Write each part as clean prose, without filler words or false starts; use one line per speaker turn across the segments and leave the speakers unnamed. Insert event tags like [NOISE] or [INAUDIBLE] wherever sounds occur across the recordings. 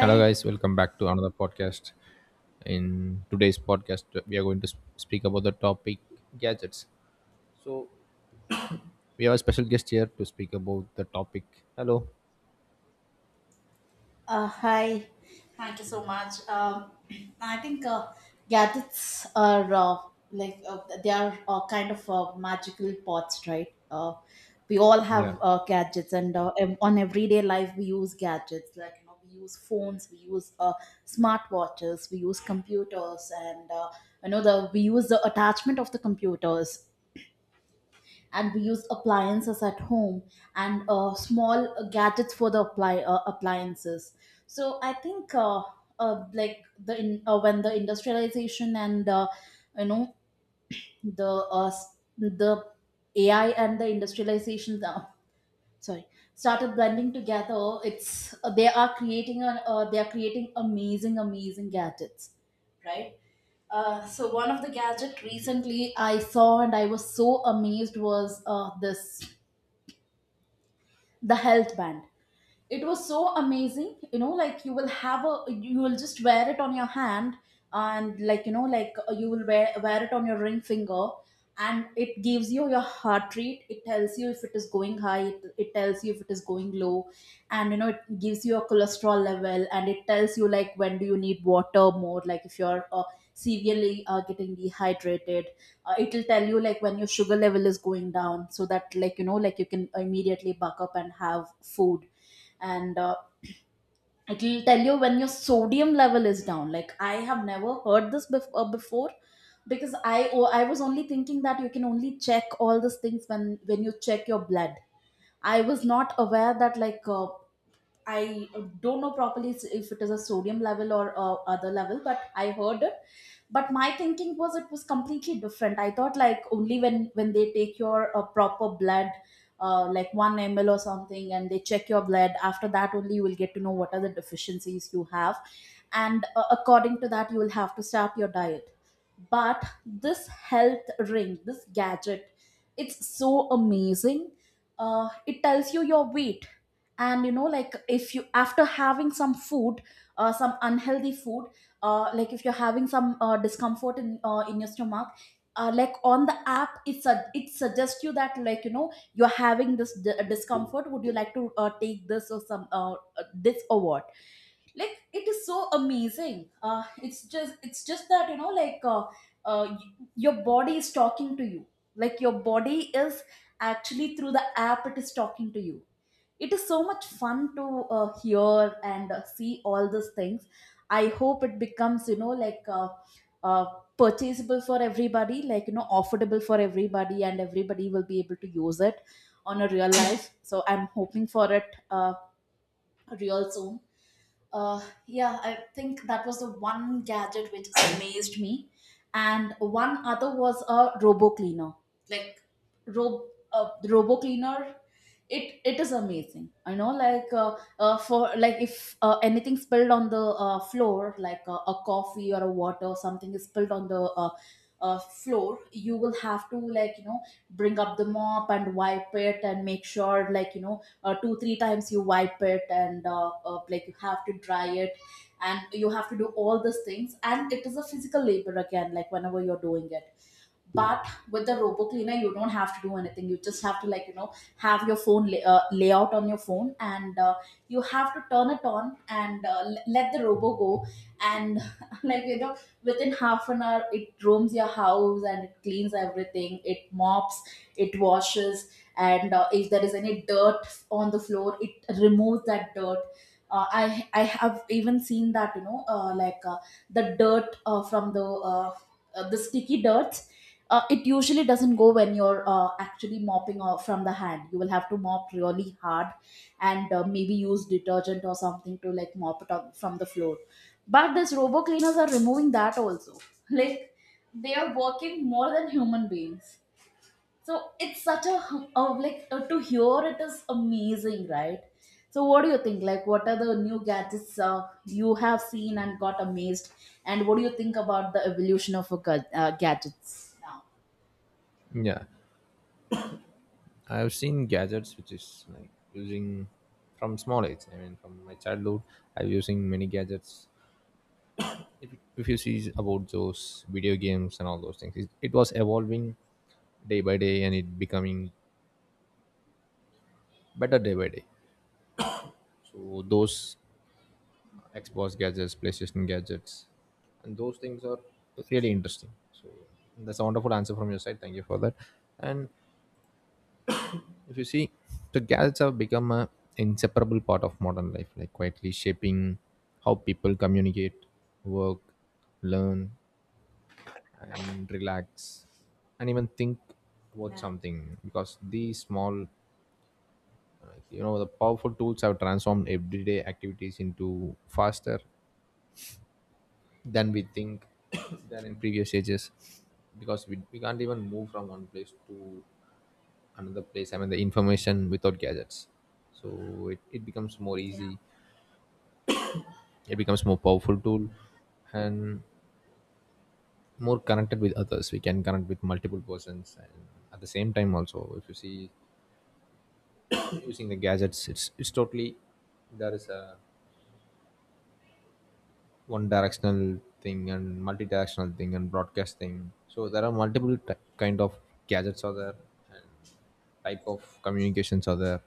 Hello, guys. Welcome back to another podcast. In today's podcast, we are going to speak about the topic gadgets. So, we have a special guest here to speak about the topic. Hello.
hi. Thank you so much. [CLEARS THROAT] I think, gadgets are like, they are kind of magical pots, right? We all
Yeah,
have gadgets, and on everyday life we use gadgets. Like, we use phones, we use smartwatches, we use computers, and you know the we use the attachment of the computers, and we use appliances at home, and small gadgets for the apply appliances. So I think, like, when the industrialization and, you know the AI and the industrialization, sorry, started blending together. It's they are creating a They are creating amazing amazing gadgets, right. So one of the gadget recently I saw and I was so amazed was this the health band. It was so amazing. You know, like, you will have a you will just wear it on your hand. And like, like, you will wear it on your ring finger. And it gives you your heart rate. It tells you if it is going high. It tells you if it is going low. And it gives you a cholesterol level, and it tells you, like, when do you need water more, like if you're severely getting dehydrated. It'll tell you, like, when your sugar level is going down, so that, like, like, you can immediately buck up and have food. And it will tell you when your sodium level is down. Like, I have never heard this before. Because I was only thinking that you can only check all these things when you check your blood. I was not aware that. Like, I don't know properly if it is a sodium level or other level, but I heard it. But my thinking was it was completely different. I thought, like, only when they take your proper blood, like one ml or something, and they check your blood. After that, only you will get to know what are the deficiencies you have, and according to that, you will have to start your diet. But this health ring, this gadget, it's so amazing. It tells you your weight. And like, if you, after having some food, some unhealthy food, like, if you're having some discomfort in your stomach, like, on the app, it suggests you that, like, you're having this discomfort, would you like to take this or some this or what. Like, it is so amazing. It's just that, like, uh, y- your body is talking to you. Like your body is, actually through the app, it is talking to you. It is so much fun to hear and see all these things. I hope it becomes, like, uh, purchasable for everybody, like, affordable for everybody, and everybody will be able to use it on a real life. So I'm hoping for it real soon. uh, yeah, I think that was the one gadget which amazed me, and one other was a robo cleaner. Like, rob robo cleaner. It is amazing. I know, like, for, like, if anything spilled on the floor, like a coffee or a water, or something is spilled on the floor, you will have to, like, bring up the mop and wipe it, and make sure, like, two three times you wipe it, and like, you have to dry it, and you have to do all these things, and it is a physical labor again, like whenever you're doing it. But with the robo cleaner you don't have to do anything. You just have to, like, have your phone layout on your phone, and you have to turn it on, and let the robo go, and [LAUGHS] like, within half an hour it roams your house, and it cleans everything. It mops, it washes, and if there is any dirt on the floor, it removes that dirt. I have even seen that, like, the dirt from the sticky dirt, it usually doesn't go when you're actually mopping off from the hand. You will have to mop really hard, and maybe use detergent or something to, like, mop it up from the floor. But these robo cleaners are removing that also. [LAUGHS] Like, they are working more than human beings. So it's such a, hum- a like, to hear it is amazing, right? So what do you think? Like, what are the new gadgets you have seen and got amazed? And what do you think about the evolution of a gadgets now?
yeah, I have seen gadgets which is like using from small age. I mean, from my childhood, I'm using many gadgets. If, if you see about those video games and all those things, it was evolving day by day and it becoming better day by day. So those Xbox gadgets, PlayStation gadgets, and those things are really interesting. So that's a wonderful answer from your side. Thank you for that. And if you see, the gadgets have become a inseparable part of modern life, like quietly shaping how people communicate, work, learn, and relax, and even think about
Yeah.
something. Because these small, like, you know, the powerful tools have transformed everyday activities into faster than we think [COUGHS] than in previous ages, because we can't even move from one place to another place. I mean, the information without gadgets, so it becomes more
Yeah.
easy, it becomes more powerful tool, and more connected with others. We can connect with multiple persons, and at the same time also. If you see, [CLEARS THROAT] using the gadgets, it's totally there is a one directional thing and multi-directional thing and broadcast thing, so there are multiple kind of gadgets are there, and type of communications are there.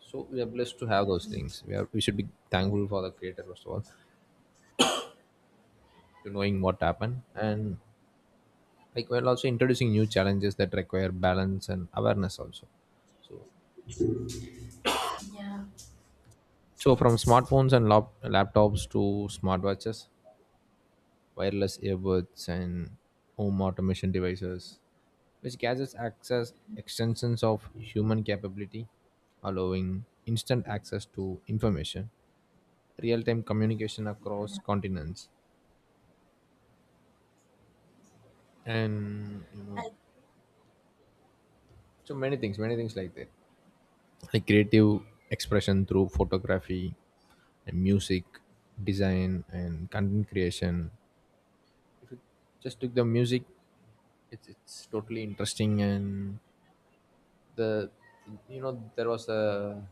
So we are blessed to have those things. We should be thankful for the creator first of all, to knowing what happened, and like we're also introducing new challenges that require balance and awareness also. So
Yeah.
so from smartphones and laptops to smartwatches, wireless earbuds, and home automation devices, which gadgets access extensions of human capability, allowing instant access to information, real-time communication across continents, and you know so many things, many things like that, like creative expression through photography and music, design, and content creation. If you just took the music, it's totally interesting. And the, you know, there was a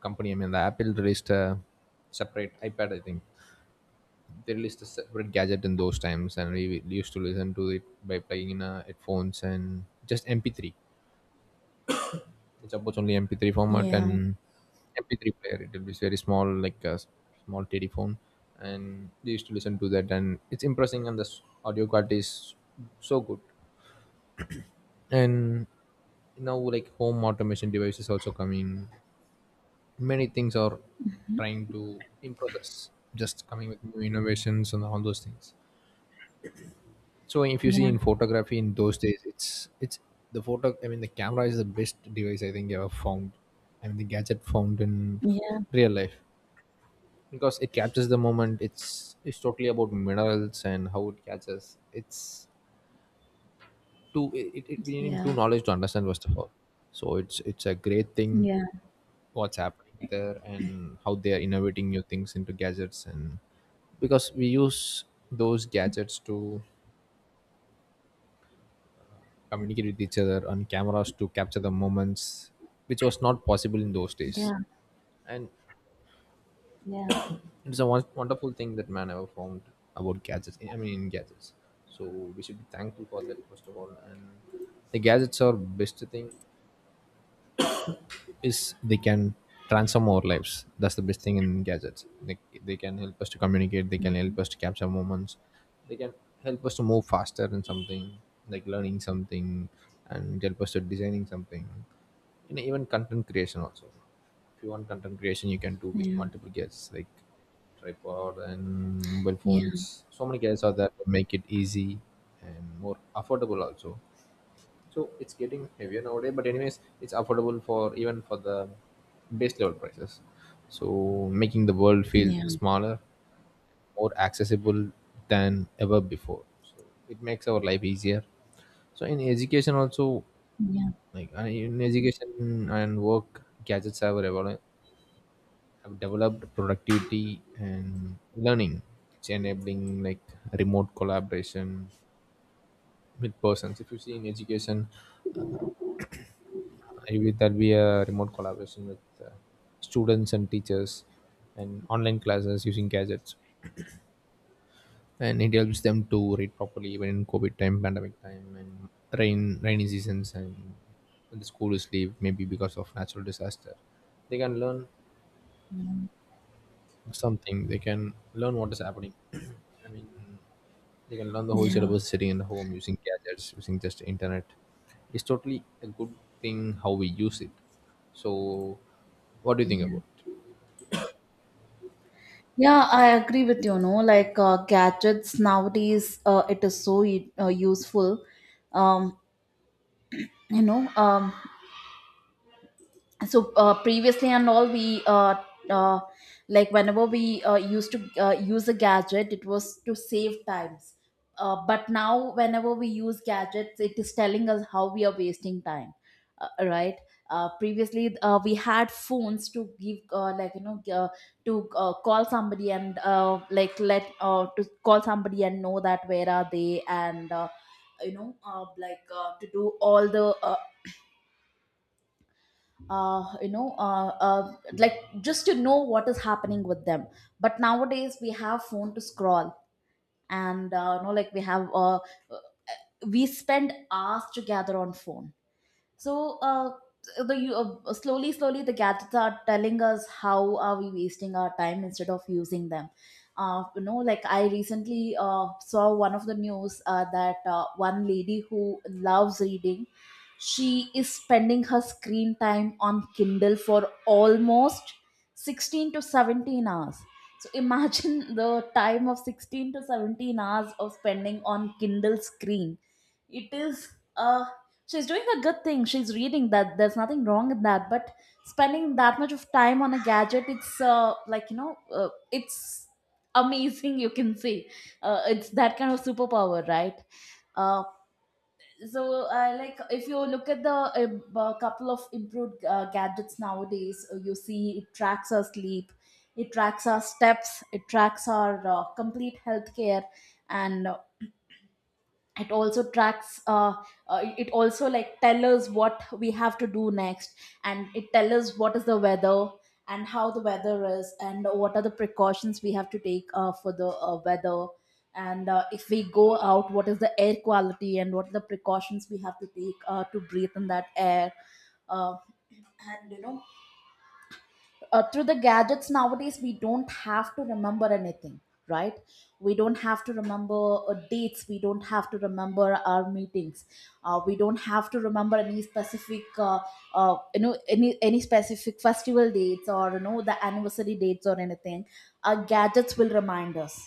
company, I mean the Apple released a separate iPad, I think they released a separate gadget in those times, and we used to listen to it by playing in our headphones, and just MP3. It supports only MP3 format,
Yeah,
and MP3 player, it will be very small, like a small teddy phone, and they used to listen to that, and it's impressing, and the audio quality is so good. And now, like home automation devices also coming, many things are trying to in process, just coming with new innovations and all those things. So if you see
yeah,
in photography in those days, it's the photo. I mean, the camera is the best device I think ever found. I mean, the gadget found in
yeah,
real life, because it captures the moment. It's totally about minerals and how it catches. It's too it we need too
yeah,
knowledge to understand first of all. So it's a great thing
yeah, yeah.
what's happening there, and how they are innovating new things into gadgets. And because we use those gadgets to communicate with each other, on cameras to capture the moments, which was not possible in those days.
Yeah.
And
Yeah,
it's a wonderful thing that man ever found about gadgets, I mean in gadgets. So we should be thankful for that first of all. And the gadgets are best thing is they can transform our lives. That's the best thing in gadgets. They can help us to communicate, they can help us to capture moments, they can help us to move faster in something, like learning something, and help us to designing something. And even content creation also. If you want content creation, you can do with
yeah,
multiple gadgets like tripod and mobile
yeah,
phones. So many gadgets are there to make it easy, and more affordable also. So it's getting heavier nowadays, but anyways, it's affordable for even for the base level prices. So making the world feel
yeah,
smaller, more accessible than ever before. So it makes our life easier. So in education also, like in education and work, gadgets have, have developed productivity and learning. It's enabling like remote collaboration with persons. If you see in education, maybe there'll be a remote collaboration with uh, students and teachers, and online classes using gadgets. And it helps them to read properly even in COVID time, pandemic time, and rainy seasons, and when the school is leave, maybe because of natural disaster. They can learn something, they can learn what is happening. [CLEARS THROAT] I mean, they can learn the whole
yeah.
syllabus sitting in the home using gadgets, using just internet. It's totally a good thing how we use it. So, what do you think about it?
Yeah, I agree with you. No, like, gadgets nowadays, it is so useful. Um, you know, um, so previously and all we, uh, like, whenever we used to use a gadget, it was to save times. But now, whenever we use gadgets, it is telling us how we are wasting time. Right. Previously, we had phones to give, like, to call somebody, and, like let to call somebody and know that where are they, and like, to do all the like, just to know what is happening with them. But nowadays we have phone to scroll, and like, we spend hours together on phone. So the you slowly, slowly, the gadgets are telling us how are we wasting our time instead of using them. Like, I recently saw one of the news that one lady who loves reading, she is spending her screen time on Kindle for almost 16 to 17 hours. So imagine [LAUGHS] the time of 16 to 17 hours of spending on Kindle screen. It is a She's doing a good thing, she's reading, that there's nothing wrong in that, but spending that much of time on a gadget, it's like, it's amazing, you can say. It's that kind of superpower, right. uh, so, like, if you look at the couple of improved gadgets nowadays, you see it tracks our sleep, it tracks our steps, it tracks our complete healthcare, and it also tracks uh, it also, like, tell us what we have to do next, and it tell us what is the weather and how the weather is, and what are the precautions we have to take, for the weather, and if we go out, what is the air quality, and what are the precautions we have to take to breathe in that air. uh, and through the gadgets nowadays, we don't have to remember anything, right. We don't have to remember dates, we don't have to remember our meetings, we don't have to remember any specific any specific festival dates, or the anniversary dates, or anything. Our gadgets will remind us,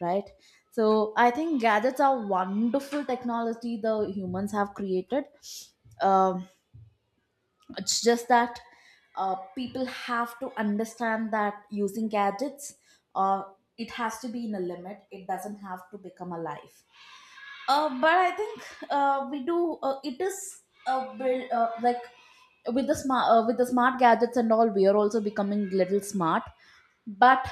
right. So I think gadgets are wonderful technology the humans have created. um, it's just that people have to understand that using gadgets, uh, it has to be in a limit, it doesn't have to become a life. But I think we do. It is like, with the smart, with the smart gadgets and all. We are also becoming little smart. But,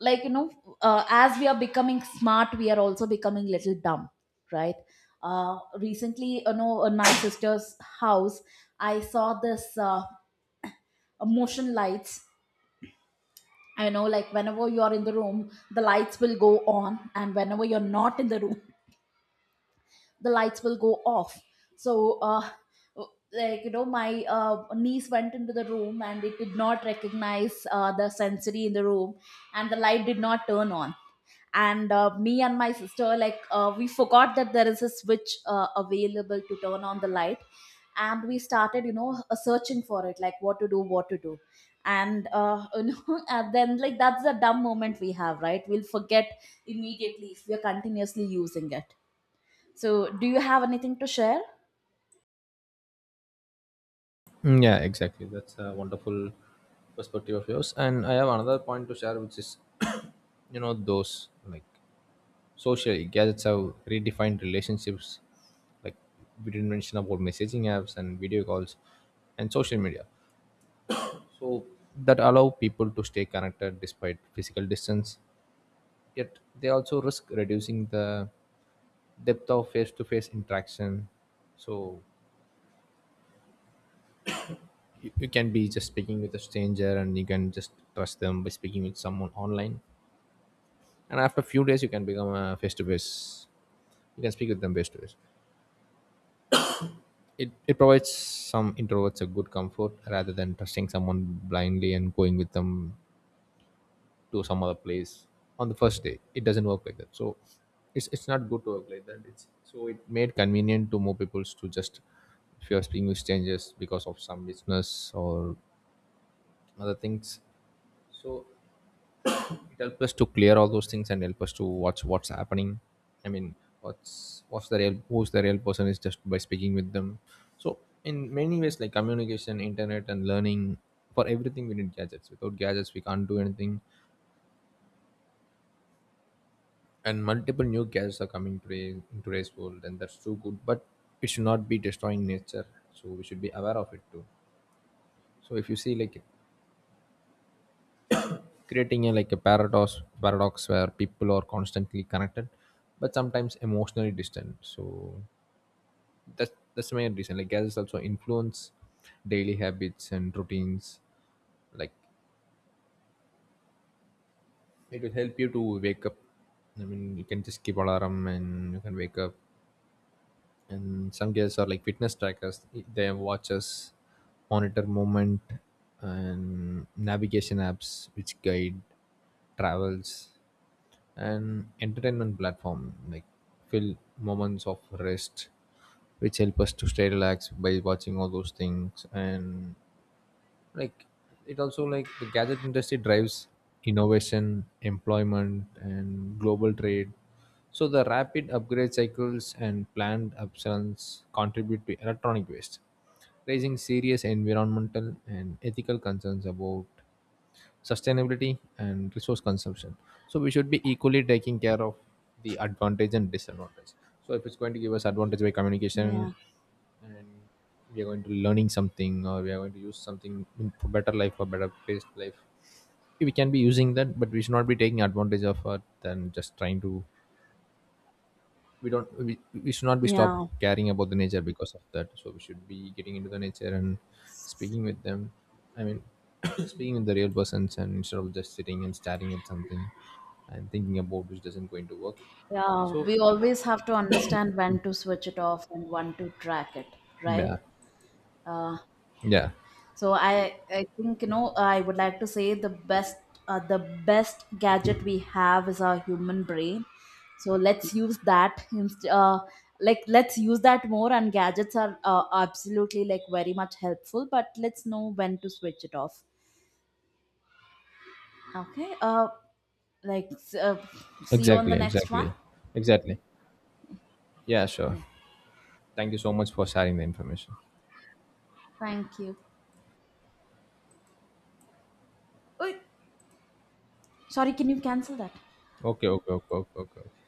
like, as we are becoming smart, we are also becoming little dumb, right? Recently, in my sister's house, I saw this. Motion lights. I know, like, whenever you are in the room the lights will go on, and whenever you're not in the room the lights will go off. So like, my niece went into the room, and it did not recognize the sensory in the room, and the light did not turn on. And me and my sister, like, we forgot that there is a switch available to turn on the light, and we started, searching for it, like, what to do, what to do. And [LAUGHS] and then, like, that's the dumb moment we have, right. We'll forget immediately if we're continuously using it. So, do you have anything to share?
Mm, yeah, exactly. That's a wonderful perspective of yours. And I have another point to share, which is, [COUGHS] you know, those like socially gadgets have redefined relationships. Like, we didn't mention about messaging apps and video calls and social media. So that allow people to stay connected despite physical distance. Yet they also risk reducing the depth of face-to-face interaction. So you can be just speaking with a stranger, and you can just trust them by speaking with someone online, and after a few days you can become a face to face, you can speak with them face to face. It provides some introverts a good comfort, rather than trusting someone blindly and going with them to some other place on the first day. It doesn't work like that, so it's not good to work like that. It's so it made convenient to more people to just, if you are speaking with strangers because of some business or other things. So it helps us to clear all those things and help us to watch what's happening. I mean, what's the real, who's the real person, is just by speaking with them. So in many ways, like communication, internet, and learning, for everything we need gadgets. Without gadgets we can't do anything. And multiple new gadgets are coming today in today's world, and that's too good, but it should not be destroying nature, so we should be aware of it too. So if you see, like creating a like a paradox where people are constantly connected but sometimes emotionally distant. So that's the main reason. Like, gadgets also influence daily habits and routines, like it will help you to wake up, I mean you can just keep alarm and you can wake up. And some gadgets are like fitness trackers, they have watches, monitor movement, and navigation apps which guide travels, and entertainment platform like fill moments of rest, which help us to stay relaxed by watching all those things. And like it also like the gadget industry drives innovation, employment, and global trade. So the rapid upgrade cycles and planned obsolescence contribute to electronic waste, raising serious environmental and ethical concerns about sustainability and resource consumption. So we should be equally taking care of the advantage and disadvantage. So if it's going to give us advantage by communication,
Yeah,
and we are going to learning something, or we are going to use something in for better life or better paced life, we can be using that, but we should not be taking advantage of it and just trying to, we don't we should not be stopped
yeah,
caring about the nature because of that. So we should be getting into the nature and speaking with them. I mean, [COUGHS] [CLEARS THROAT] speaking with the real persons, and instead of just sitting and staring at something and thinking about which doesn't going to work.
yeah.
So
We always have to understand when to switch it off and when to track it, right?
yeah,
Uh,
yeah,
so I think, I would like to say the best, the best gadget we have is our human brain. So let's use that. Like, let's use that more. And gadgets are absolutely, like, very much helpful, but let's know when to switch it off. Okay. Like, see you on
exactly,
the next one.
exactly, exactly. Yeah, sure.
Yeah.
Thank you so much for
Yeah.
sharing the information.
Thank you. Oh, sorry. Can you cancel that?
Okay, okay, okay, okay, okay. Okay.